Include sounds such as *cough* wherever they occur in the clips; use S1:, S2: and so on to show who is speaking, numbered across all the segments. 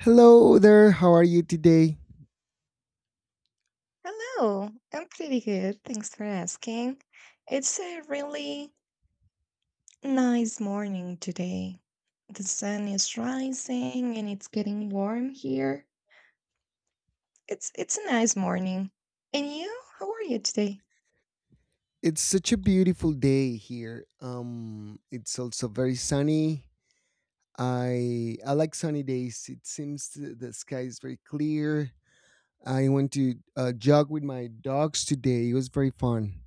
S1: Hello there, how are you today?
S2: Hello, I'm pretty good. Thanks for asking. It's a really nice morning today. The sun is rising and it's getting warm here. It's a nice morning. And you? How are you today?
S1: It's such a beautiful day here. It's also very sunny. I like sunny days. It seems the sky is very clear. I went to jog with my dogs today. It was very fun.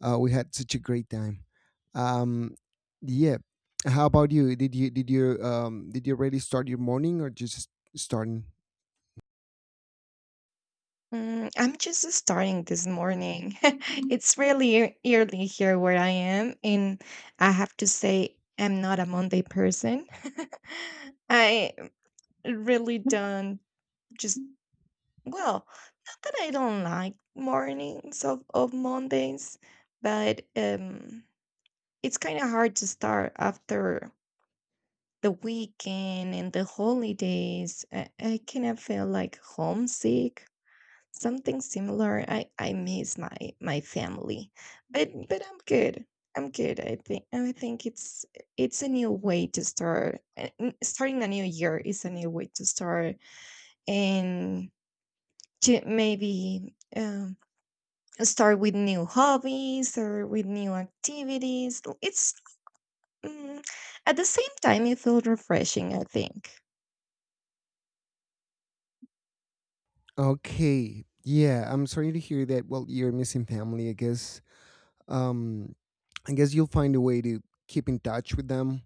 S1: We had such a great time. Um, yeah. How about you? Did you already start your morning, or just starting?
S2: Mm, I'm just starting this morning. *laughs* It's really early here where I am, and I have to say I'm not a Monday person. *laughs* I really don't just well. That I don't like mornings of Mondays, but it's kind of hard to start after the weekend and the holidays. I kind of feel like homesick, something similar. I miss my family, but I'm good. I'm good. I think it's a new way to start. Starting a new year is a new way to start, and to maybe start with new hobbies or with new activities. It's mm, at the same time it feels refreshing, I think.
S1: Okay. Yeah, I'm sorry to hear that. Well, you're missing family, I guess. Um, I guess you'll find a way to keep in touch with them,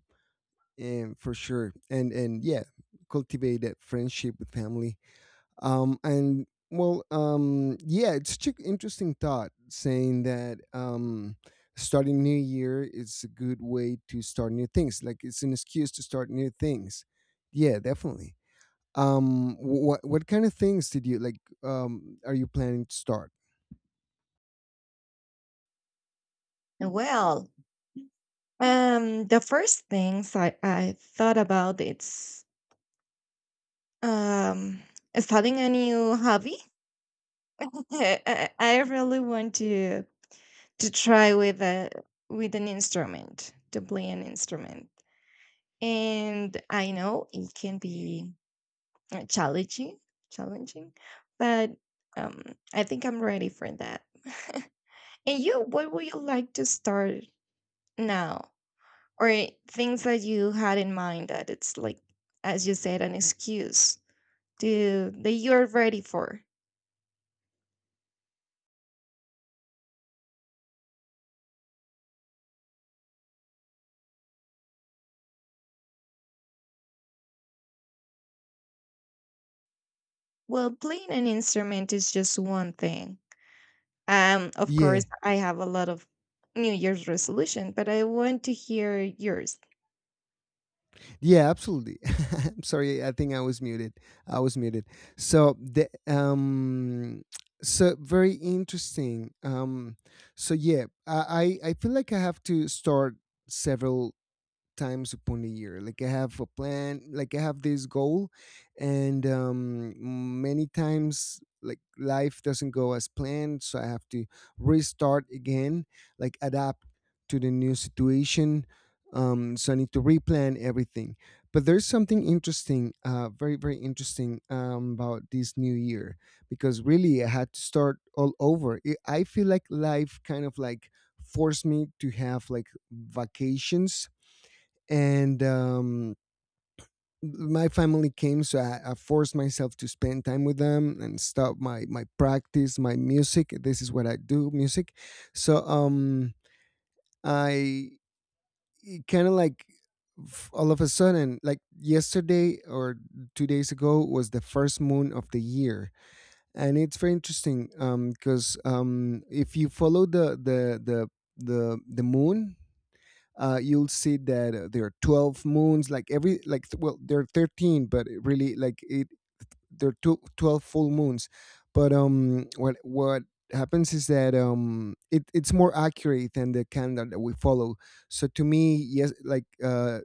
S1: and for sure, and yeah, cultivate that friendship with family. And well, yeah, it's such an interesting thought saying that starting new year is a good way to start new things. Like it's an excuse to start new things. Yeah, definitely. What kind of things did you like? Are you planning to start?
S2: Well, the first things I thought about it's um starting a new hobby. *laughs* I really want to try with a with an instrument to play an instrument, and I know it can be challenging, challenging, but um, I think I'm ready for that. *laughs* And you, what would you like to start now, or things that you had in mind that it's like, as you said, an excuse to that you're ready for? Well, playing an instrument is just one thing. Of
S1: Yeah,
S2: course, I have a lot of New Year's resolution, but I want to hear yours.
S1: yeah, absolutely. *laughs* I'm sorry, I think I was muted. I was muted. So the um, so very interesting. So yeah, I feel like I have to start several times upon a year. Like I have a plan, like I have this goal, and many times like life doesn't go as planned, so I have to restart again, like adapt to the new situation. So I need to replan everything. But there's something interesting, very interesting about this new year, because really I had to start all over. I feel like life kind of like forced me to have like vacations. And my family came, so I forced myself to spend time with them and stop my practice, my music. This is what I do, music. So I kind of like all of a sudden, like yesterday or 2 days ago, was the first moon of the year. And it's very interesting because if you follow the moon, you'll see that there are 12 moons like every like well, there are 13, but it really like it, there are 2 12 full moons. But what happens is that it's more accurate than the calendar that we follow. So to me, yes, like uh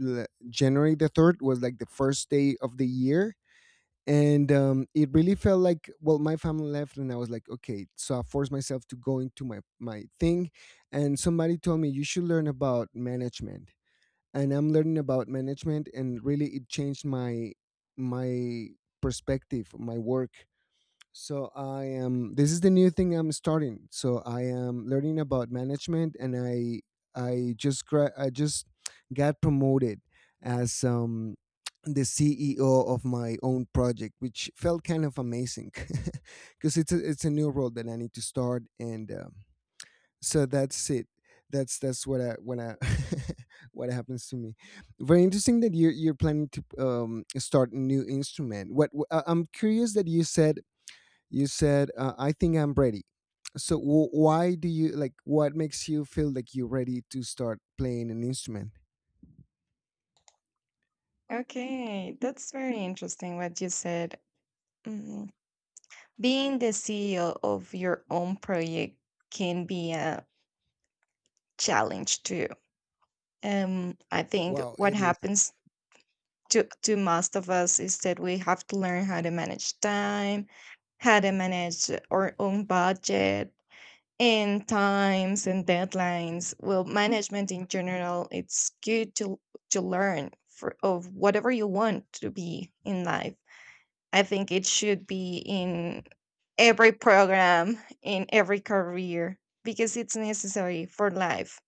S1: l- january the 3rd was like the first day of the year. And it really felt like, well, my family left, and I was like, okay, so I forced myself to go into my thing. And somebody told me you should learn about management, and I'm learning about management, and really it changed my my perspective, my work. So I am, this is the new thing I'm starting. So I am learning about management, and I just got promoted as the CEO of my own project, which felt kind of amazing. *laughs* Because it's a new role that I need to start. And so that's it. That's what I *laughs* what happens to me. Very interesting that you're planning to start a new instrument. I'm curious that you said I think I'm ready. So why do you, like, what makes you feel like you're ready to start playing an instrument?
S2: Okay, that's very interesting what you said. Being the CEO of your own project can be a challenge too. I think
S1: Wow,
S2: what
S1: it is.
S2: happens to most of us is that we have to learn how to manage time, how to manage our own budget and times and deadlines. Well, management in general, it's good to learn for of whatever you want to be in life. I think it should be in every program in every career because it's necessary for life.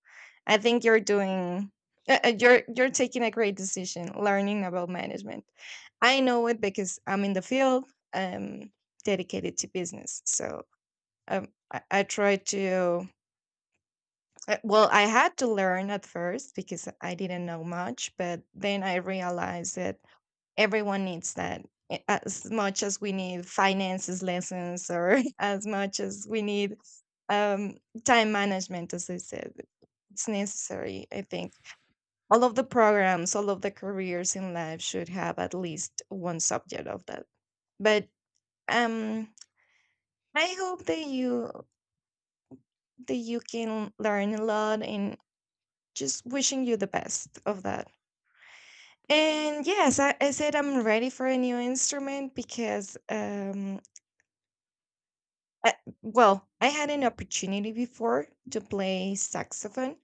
S2: I think you're doing you're taking a great decision learning about management. I know it because I'm in the field. I'm dedicated to business, so um, I try to. Well, I had to learn at first because I didn't know much, but then I realized that everyone needs that as much as we need finances lessons or *laughs* as much as we need um, time management, as I said. It's necessary, I think. All of the programs, all of the careers in life should have at least one subject of that. But um, I hope that you can learn a lot and just wishing you the best of that. And yes, I said I'm ready for a new instrument because I, well, I had an opportunity before to play saxophone,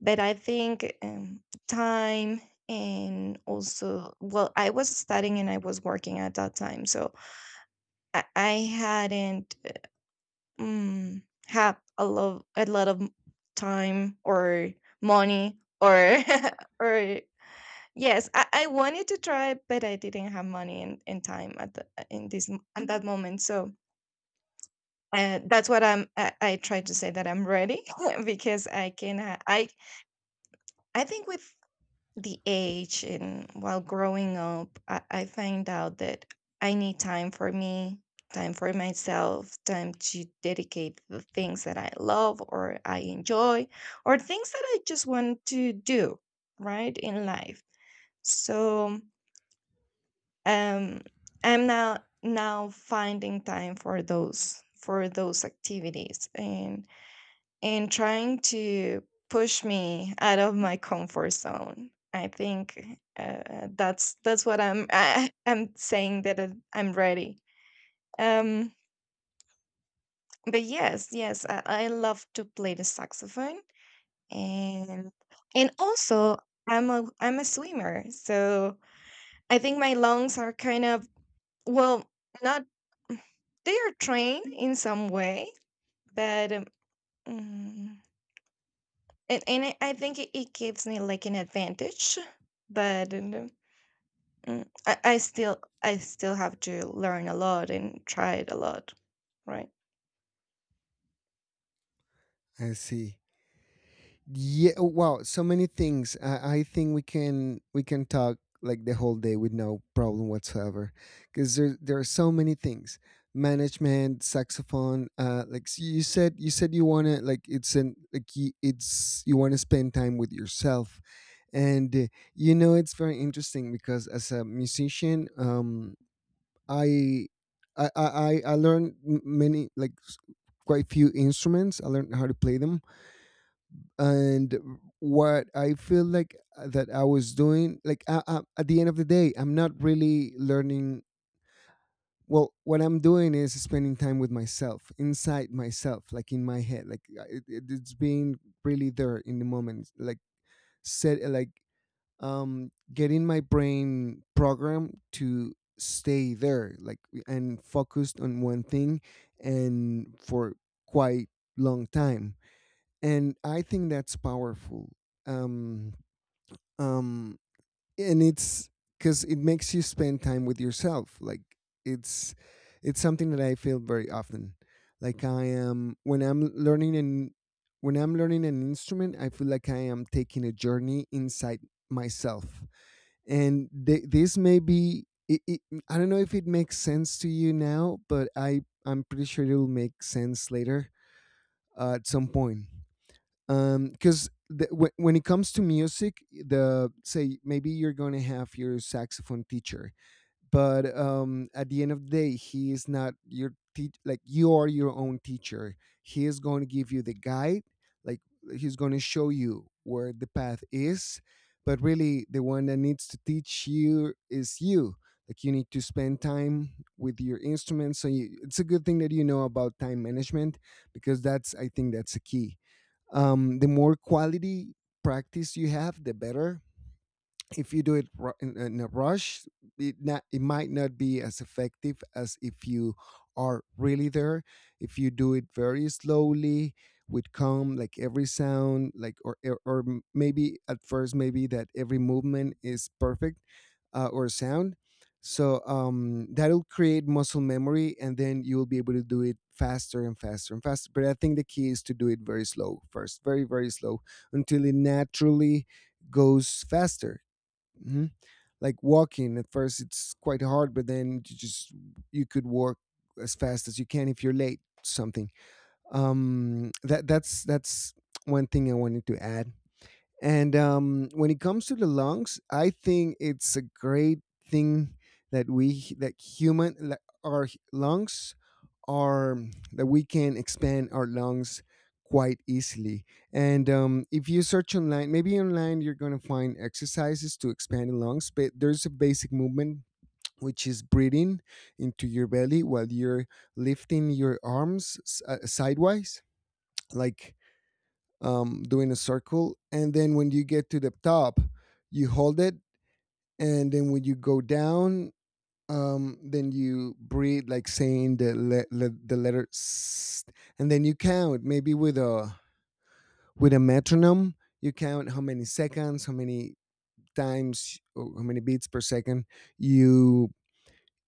S2: but I think time and also, well, I was studying and I was working at that time, so I hadn't had a lot of time or money or *laughs* or yes, I wanted to try, but I didn't have money and time at the in this at that moment, so. That's what I'm. I try to say that I'm ready *laughs* because I can. I think with the age and while growing up, I find out that I need time for me, time for myself, time to dedicate the things that I love or I enjoy, or things that I just want to do right in life. So um, I'm now finding time for those activities and trying to push me out of my comfort zone. I think that's what I'm *laughs* I'm saying that I'm ready. Um, but yes, yes, I love to play the saxophone, and and also I'm a swimmer, so I think my lungs are kind of well not they are trained in some way, but mm, and I think it gives me like an advantage, but I still have to learn a lot and try it a lot, right?
S1: I see. Yeah. Oh, wow, so many things. I think we can talk like the whole day with no problem whatsoever, because there are so many things. Management, saxophone, you said you want to, like, it's an, like you, it's, you want to spend time with yourself. And you know, it's very interesting because, as a musician, i I learned many like quite few instruments. I learned how to play them. And what I feel like, that I was doing, like at the end of the day, I'm not really learning. Well, what I'm doing is spending time with myself, inside myself, like in my head, like it's being really there in the moment, like set, like getting my brain programmed to stay there like, and focused on one thing, and for quite long time. And I think that's powerful. Um, um, and it's because it makes you spend time with yourself. Like it's it's something that I feel very often. Like I am when I'm when I'm learning an instrument, I feel like I am taking a journey inside myself. And this may be I don't know if it makes sense to you now, but I, I'm pretty sure it will make sense later, at some point. Because when it comes to music, the say, maybe you're going to have your saxophone teacher, but at the end of the day, he is not your teach like you are your own teacher. He is going to give you the guide, like he's going to show you where the path is. But really, the one that needs to teach you is you. Like you need to spend time with your instrument. So you, it's a good thing that you know about time management, because that's, I think that's a key. The more quality practice you have, the better. If you do it in a rush, it not, it might not be as effective as if you are really there. If you do it very slowly, with calm, like every sound, like maybe at first, maybe that every movement is perfect, or sound. So that'll create muscle memory, and then you'll be able to do it faster and faster and faster. But I think the key is to do it very slow first, very slow, until it naturally goes faster. Mhm. Like walking at first, it's quite hard, but then you just, you could walk as fast as you can if you're late. Something that's one thing I wanted to add. And when it comes to the lungs, I think it's a great thing that we, that human, like our lungs are, that we can expand our lungs quite easily. And if you search online, maybe online, you're gonna find exercises to expand the lungs. But there's a basic movement, which is breathing into your belly while you're lifting your arms sidewise, like doing a circle. And then when you get to the top, you hold it. And then when you go down, then you breathe, like saying the letter S. And then you count, maybe with a metronome. You count how many seconds, how many times, or how many beats per second you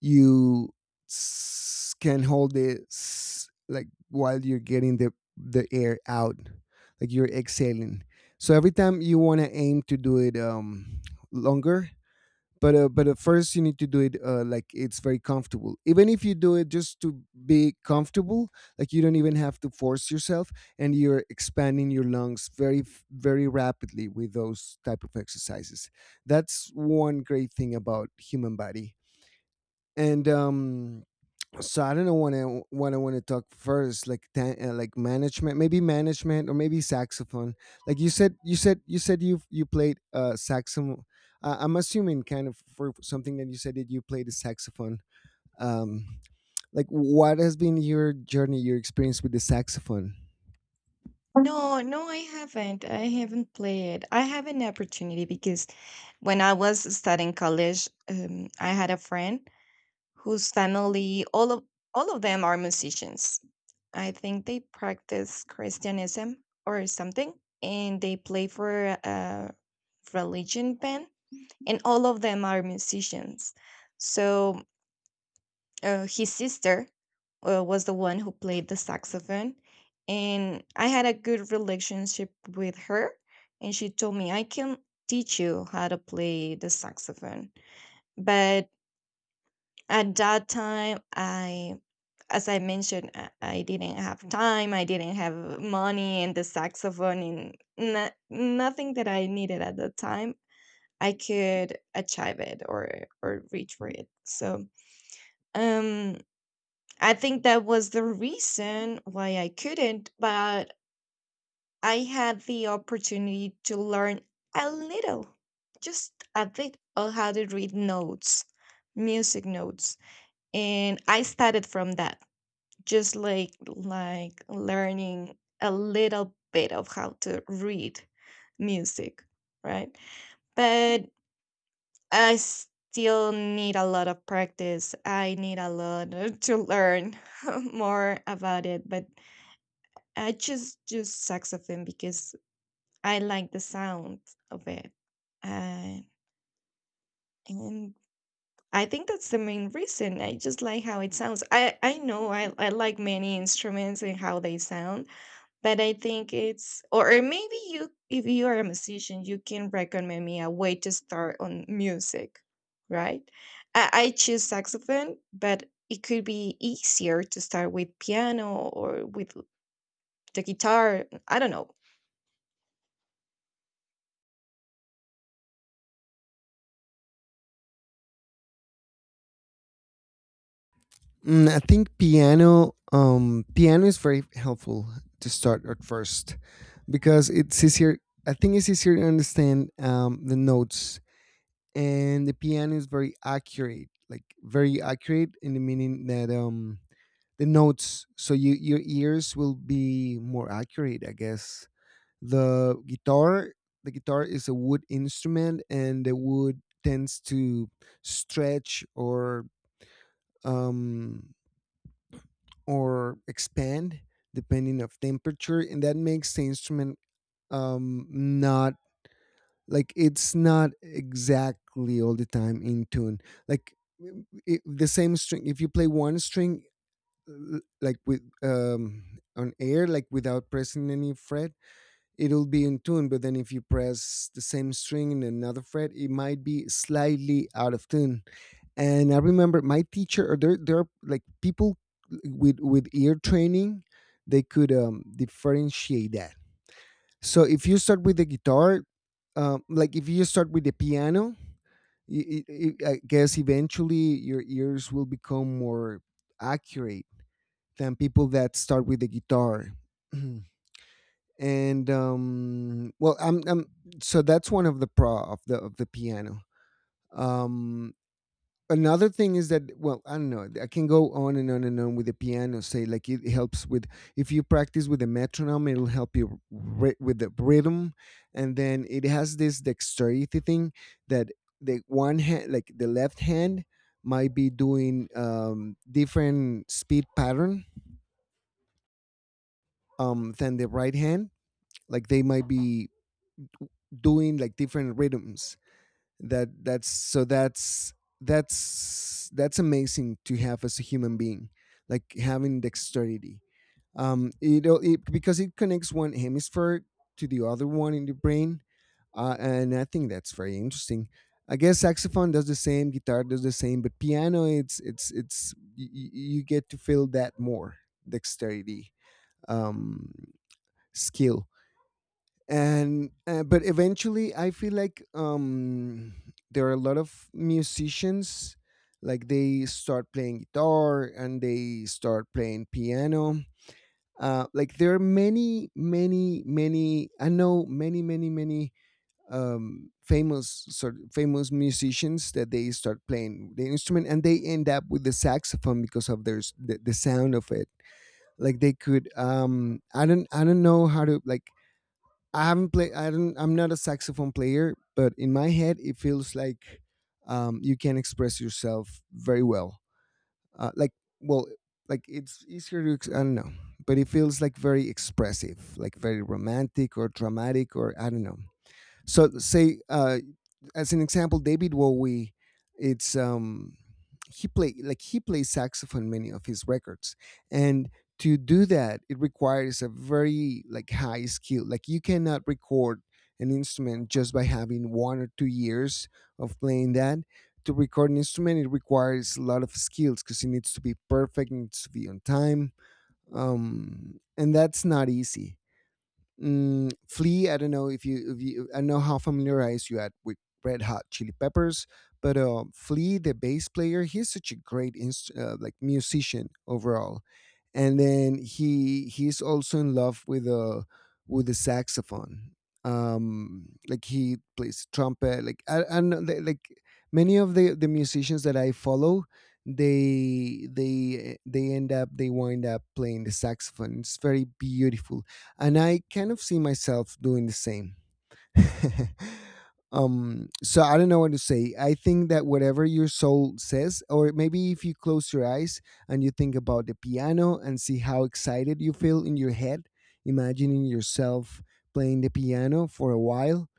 S1: you can hold it like while you're getting the air out, like you're exhaling. So every time you want to aim to do it longer. But but at first you need to do it like it's very comfortable, even if you do it just to be comfortable. Like you don't even have to force yourself, and you're expanding your lungs very very rapidly with those type of exercises. That's one great thing about human body. And so I don't know what I, when I want to talk first, like like management, maybe management, or maybe saxophone. Like you said, you said you played saxophone. I'm assuming, kind of, for something that you said, that you played the saxophone. Um, like what has been your journey, your experience with the saxophone?
S2: No, no, I haven't. I haven't played. I have an opportunity because when I was studying college, I had a friend whose family all of them are musicians. I think they practice Christianism or something, and they play for a religion band, and all of them are musicians. So his sister was the one who played the saxophone, and I had a good relationship with her, and she told me I can teach you how to play the saxophone, but at that time, I as I mentioned, I didn't have time, I didn't have money, and the saxophone, and no, nothing that I needed at the time. I could achieve it or reach for it. So, um, I think that was the reason why I couldn't. But I had the opportunity to learn a little, just a bit, of how to read notes, music notes, and I started from that just like learning a little bit of how to read music, right? But I still need a lot of practice, I need a lot *laughs* to learn *laughs* more about it, but I just choose saxophone because I like the sound of it. uh, and I think that's the main reason. I just like how it sounds. I know I like many instruments and how they sound, but I think it's or maybe you if you are a musician you can recommend me a way to start on music, right? I choose saxophone, but it could be easier to start with piano or with the guitar. I don't know.
S1: I think piano piano is very helpful to start at first because it's easier. I think it's easier to understand the notes, and the piano is very accurate, like very accurate in the meaning that the notes, so you, your ears will be more accurate, I guess. The guitar, the guitar is a wood instrument and the wood tends to stretch um or expand depending of temperature, and that makes the instrument not, like it's not exactly all the time in tune. Like w- I the same string, if you play one string like with on air, like without pressing any fret, it'll be in tune, but then if you press the same string in another fret, it might be slightly out of tune. And I remember my teacher, or there are like people with ear training, they could differentiate that. So if you start with the guitar, like if you start with the piano, I guess eventually your ears will become more accurate than people that start with the guitar. *clears throat* And well I'm so that's one of the pro of the piano. um Another thing is that, well, I don't know, I can go on and on and on with the piano. Say like it helps with, if you practice with the metronome it'll help you with the rhythm. And then it has this dexterity thing, that the one hand, like the left hand, might be doing different speed pattern than the right hand, like they might be doing like different rhythms. That that's so that's that's that's amazing to have as a human being, like having dexterity. It because it connects one hemisphere to the other one in the brain. And I think that's very interesting. I guess saxophone does the same, guitar does the same, but piano, it's you, you get to feel that more. Dexterity um skill. And but eventually I feel like there are a lot of musicians, like they start playing guitar and they start playing piano. Uh, like there are many many many, I know many many many famous sort famous musicians that they start playing the instrument and they end up with the saxophone because of their s- the sound of it. Like they could I don't, I don't know how to like, I haven't played. I don't. I'm not a saxophone player, but in my head, it feels like you can express yourself very well. Like, well, like it's easier to ex- I don't know, but it feels like very expressive, like very romantic or dramatic, or I don't know. So say as an example, David Bowie, it's he play like he plays saxophone in many of his records, and to do that, it requires a very like high skill. Like you cannot record an instrument just by having 1 or 2 years of playing that. To record an instrument, it requires a lot of skills because it needs to be perfect, it needs to be on time, and that's not easy. Mm, Flea, I don't know if you, I don't know how familiarized you are with Red Hot Chili Peppers, but Flea, the bass player, he's such a great inst- like musician overall, and then he's also in love with a, with the saxophone. Like he plays trumpet. Like I don't know, li- like many of the musicians that I follow, they end up, they wind up playing the saxophone. It's very beautiful, and I kind of see myself doing the same. *laughs* So I don't know what to say. I think that whatever your soul says, or maybe if you close your eyes and you think about the piano and see how excited you feel in your head, imagining yourself playing the piano for a while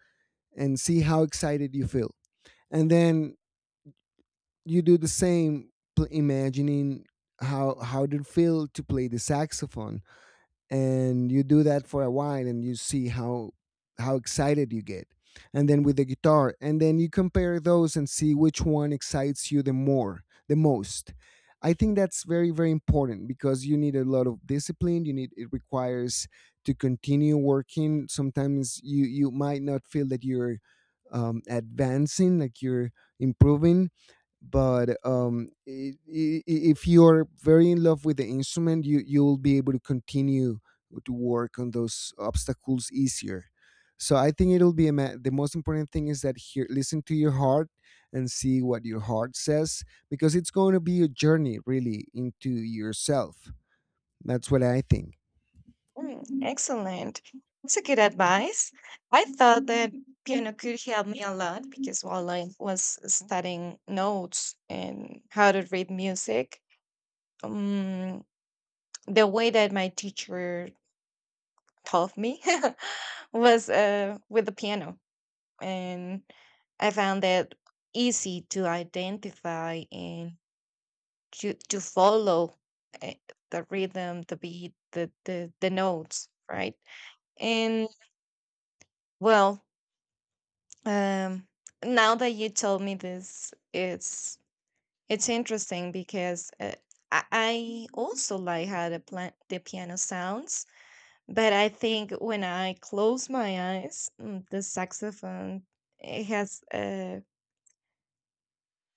S1: and see how excited you feel, and then you do the same, pl- imagining how did it feel to play the saxophone, and you do that for a while and you see how excited you get, and then with the guitar, and then you compare those and see which one excites you the more, the most. I think that's very very important because you need a lot of discipline, you need, it requires to continue working. Sometimes you, you might not feel that you're advancing, like you're improving, but if you're very in love with the instrument, you, you'll be able to continue to work on those obstacles easier. So I think it'll be a ma- the most important thing is that, here, listen to your heart and see what your heart says, because it's going to be a journey really into yourself. That's what I think.
S2: Mm, excellent. That's a good advice. I thought that piano could help me a lot because while I was studying notes and how to read music, um, the way that my teacher taught me *laughs* was with the piano. And I found that easy to identify and to follow uh, the rhythm, the beat, the notes, right? And well, um, now that you told me this, it's interesting because I also like how the piano sounds. But I think when I close my eyes, mm, the saxophone it has a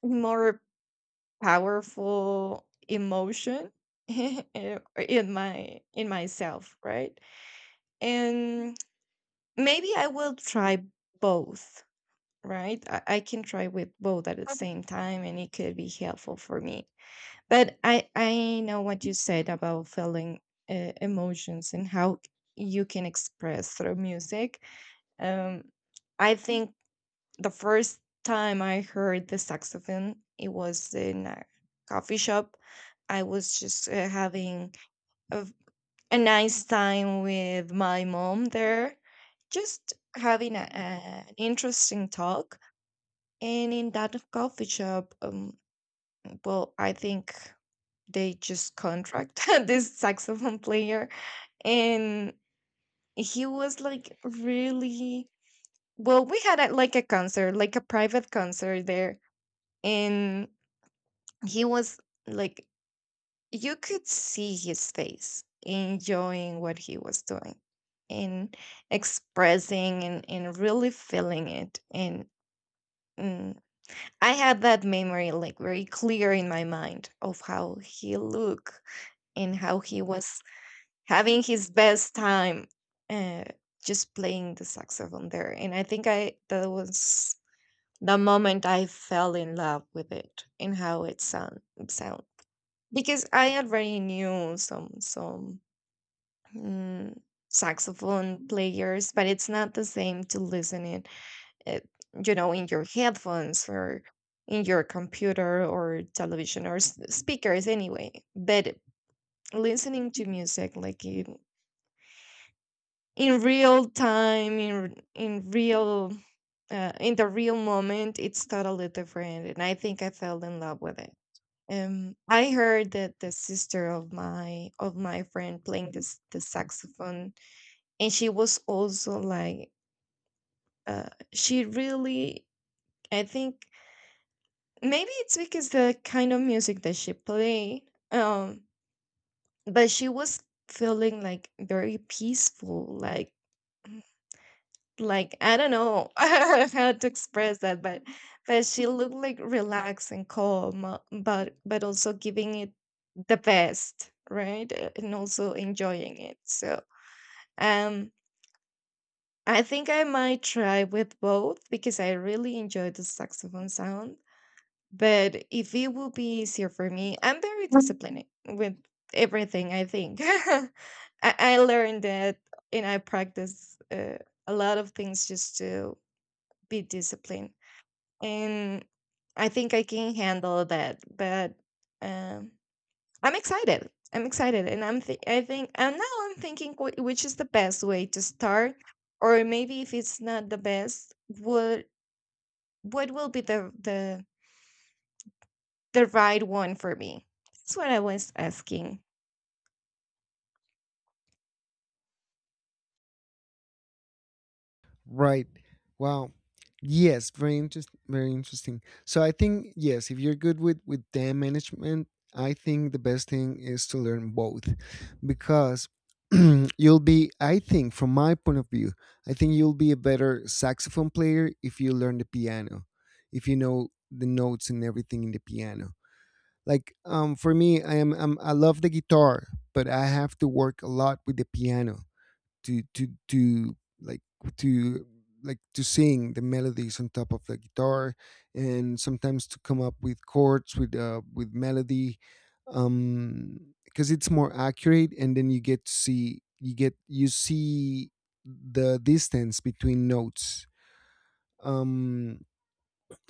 S2: more powerful emotion *laughs* in my in myself, right? And maybe I will try both, right? I can try with both at the same time and it could be helpful for me. But I know what you said about feeling emotions and how you can express through music. Um, I think the first time I heard the saxophone, it was in a coffee shop. I was just having a, a nice time with my mom there, just having an interesting talk. And in that coffee shop, well, I think they just contract *laughs* this saxophone player, and he was like really well, we had a, like a concert, like a private concert there, and he was like, you could see his face enjoying what he was doing and expressing and really feeling it. And mm, I had that memory like very clear in my mind of how he looked and how he was having his best time uh, just playing the saxophone there. And I think I that was the moment I fell in love with it and how it sound because I already knew some mm, saxophone players, but it's not the same to listen in it, you know in your headphones or in your computer or television or speakers anyway. But listening to music like in real time in the real moment it's totally different and I think I fell in love with it. I heard that the sister of my friend playing this the saxophone, and she was also like, uh, she really, I think maybe it's because the kind of music that she played, but she was feeling like very peaceful, like I don't know *laughs* how to express that, but she looked like relaxed and calm, but also giving it the best, right? And also enjoying it. So um, I think I might try with both because I really enjoy the saxophone sound. But if it will be easier for me, I'm very disciplined with everything. I think *laughs* I learned that, and I practice a lot of things just to be disciplined, and I think I can handle that. But um I'm excited, I'm excited, and I think, and now I'm thinking which is the best way to start, or maybe if it's not the best, what what will be the right one for me. That's what I was asking.
S1: Right. Wow. Yes, very interesting. Very interesting. So I think yes, if you're good with dam management, I think the best thing is to learn both, because *clears throat* you'll be, I think, from my point of view, I think you'll be a better saxophone player if you learn the piano, if you know the notes and everything in the piano. Like for me, I am I love the guitar, but I have to work a lot with the piano to like to, like to sing the melodies on top of the guitar, and sometimes to come up with chords with melody because it's more accurate, and then you get to see, you see the distance between notes. um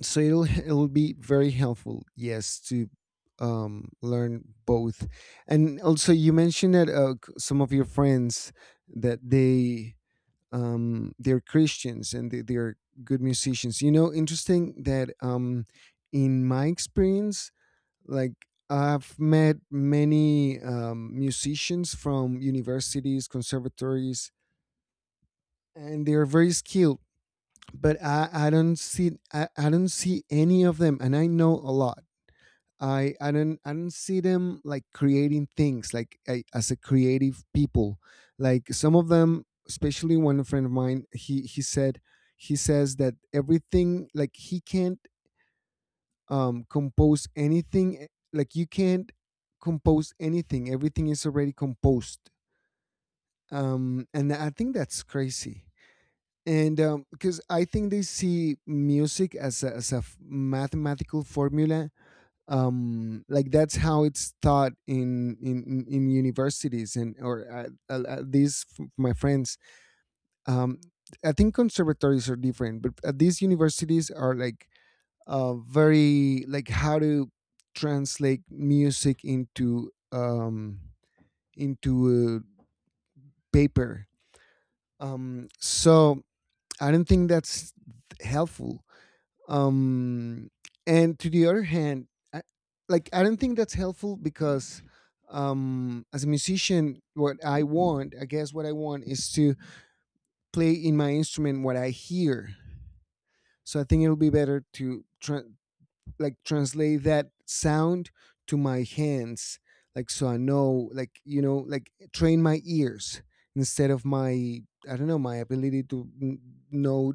S1: so it'll be very helpful, yes, to learn both. And also you mentioned that c- some of your friends that they they're Christians and they, they're good musicians. You know, interesting that in my experience, like I've met many musicians from universities, conservatories, and they are very skilled. But I don't see, I don't see any of them, and I know a lot. I don't see them like creating things, like I, as a creative people. Like some of them, especially one friend of mine, he said, he says that everything, like he can't compose anything, eh, like you can't compose anything. Everything is already composed. Um, and I think that's crazy. And because I think they see music as a f- mathematical formula, like that's how it's taught in, in universities, and or at these f- my friends. um I think conservatories are different, but at these universities are like very like how to translate music into paper. So I don't think that's helpful. Um, and to the other hand, I, like I don't think that's helpful because as a musician, what I want, I guess, what I want is to play in my instrument what I hear. So I think it'll be better to tra- like translate that sound to my hands, like so I know, like you know, like train my ears instead of my, I don't know, my ability to n- know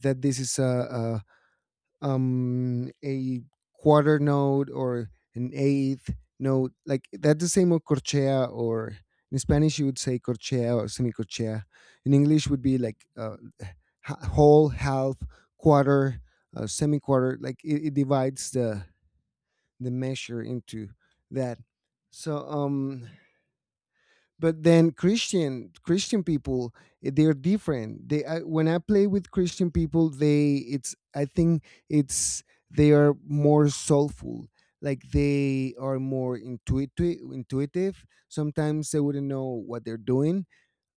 S1: that this is a quarter note or an eighth note. Like that's the same with corchea, or in Spanish you would say corchea or semicorchea. In English would be like h- whole, half, quarter, semi quarter. Like it divides the measure into that. So but then Christian people, eh, they're different. They, I, when I play with Christian people, they, it's, I think it's, they are more soulful, like they are more intuitive. Intuitive, sometimes they wouldn't know what they're doing,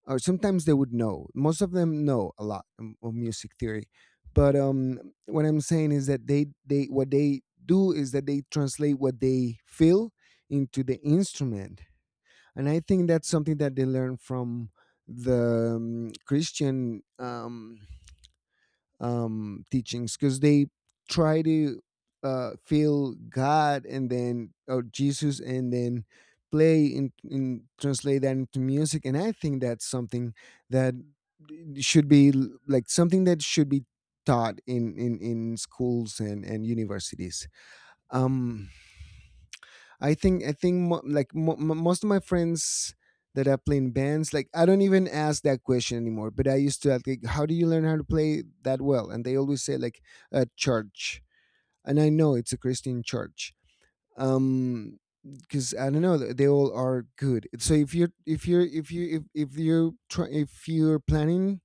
S1: or sometimes they would know, most of them know a lot of music theory. But what I'm saying is that they, what they do is that they translate what they feel into the instrument. And I think that's something that they learn from the Christian teachings, because they try to feel God and then, or Jesus, and then play in translate that into music. And I think that's something that should be l- like something that should be taught in, in schools and universities. Um, I think mo- like mo- mo- most of my friends that I play in bands, like I don't even ask that question anymore. But I used to ask, like, how do you learn how to play that well? And they always say like a church, and I know it's a Christian church. Um, because I don't know, they all are good. So if you're, if you're, if you, if you try, if you're planning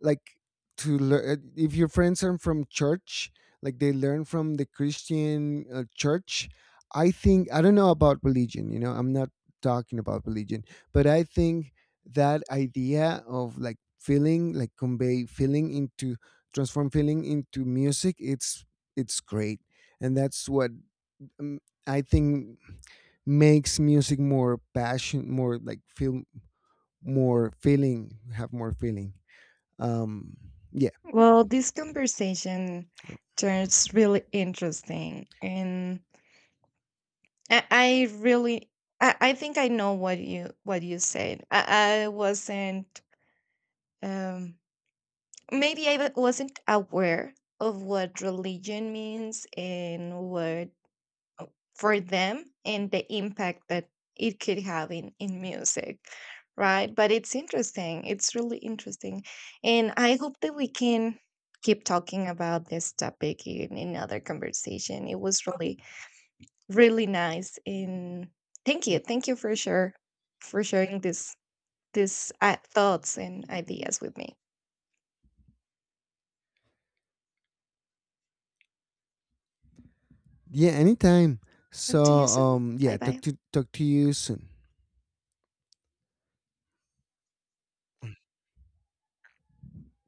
S1: like to learn, if your friends are from church, like they learn from the Christian church. I think, I don't know about religion, you know, I'm not talking about religion, but I think that idea of like feeling, like convey feeling into, transform feeling into music, it's great. And that's what um, I think makes music more passion, more like feel, more feeling, have more feeling. um
S2: Well, this conversation turns really interesting, and I really I think I know what you said. I wasn't um maybe wasn't aware of what religion means and what for them and the impact that it could have in music. Right. But it's interesting. It's really interesting. And I hope that we can keep talking about this topic in another conversation. It was really really nice, and thank you for sure for sharing this thoughts and ideas with me.
S1: Yeah, anytime.
S2: Talk
S1: So
S2: to you soon.
S1: yeah,
S2: Bye bye.
S1: talk to you soon.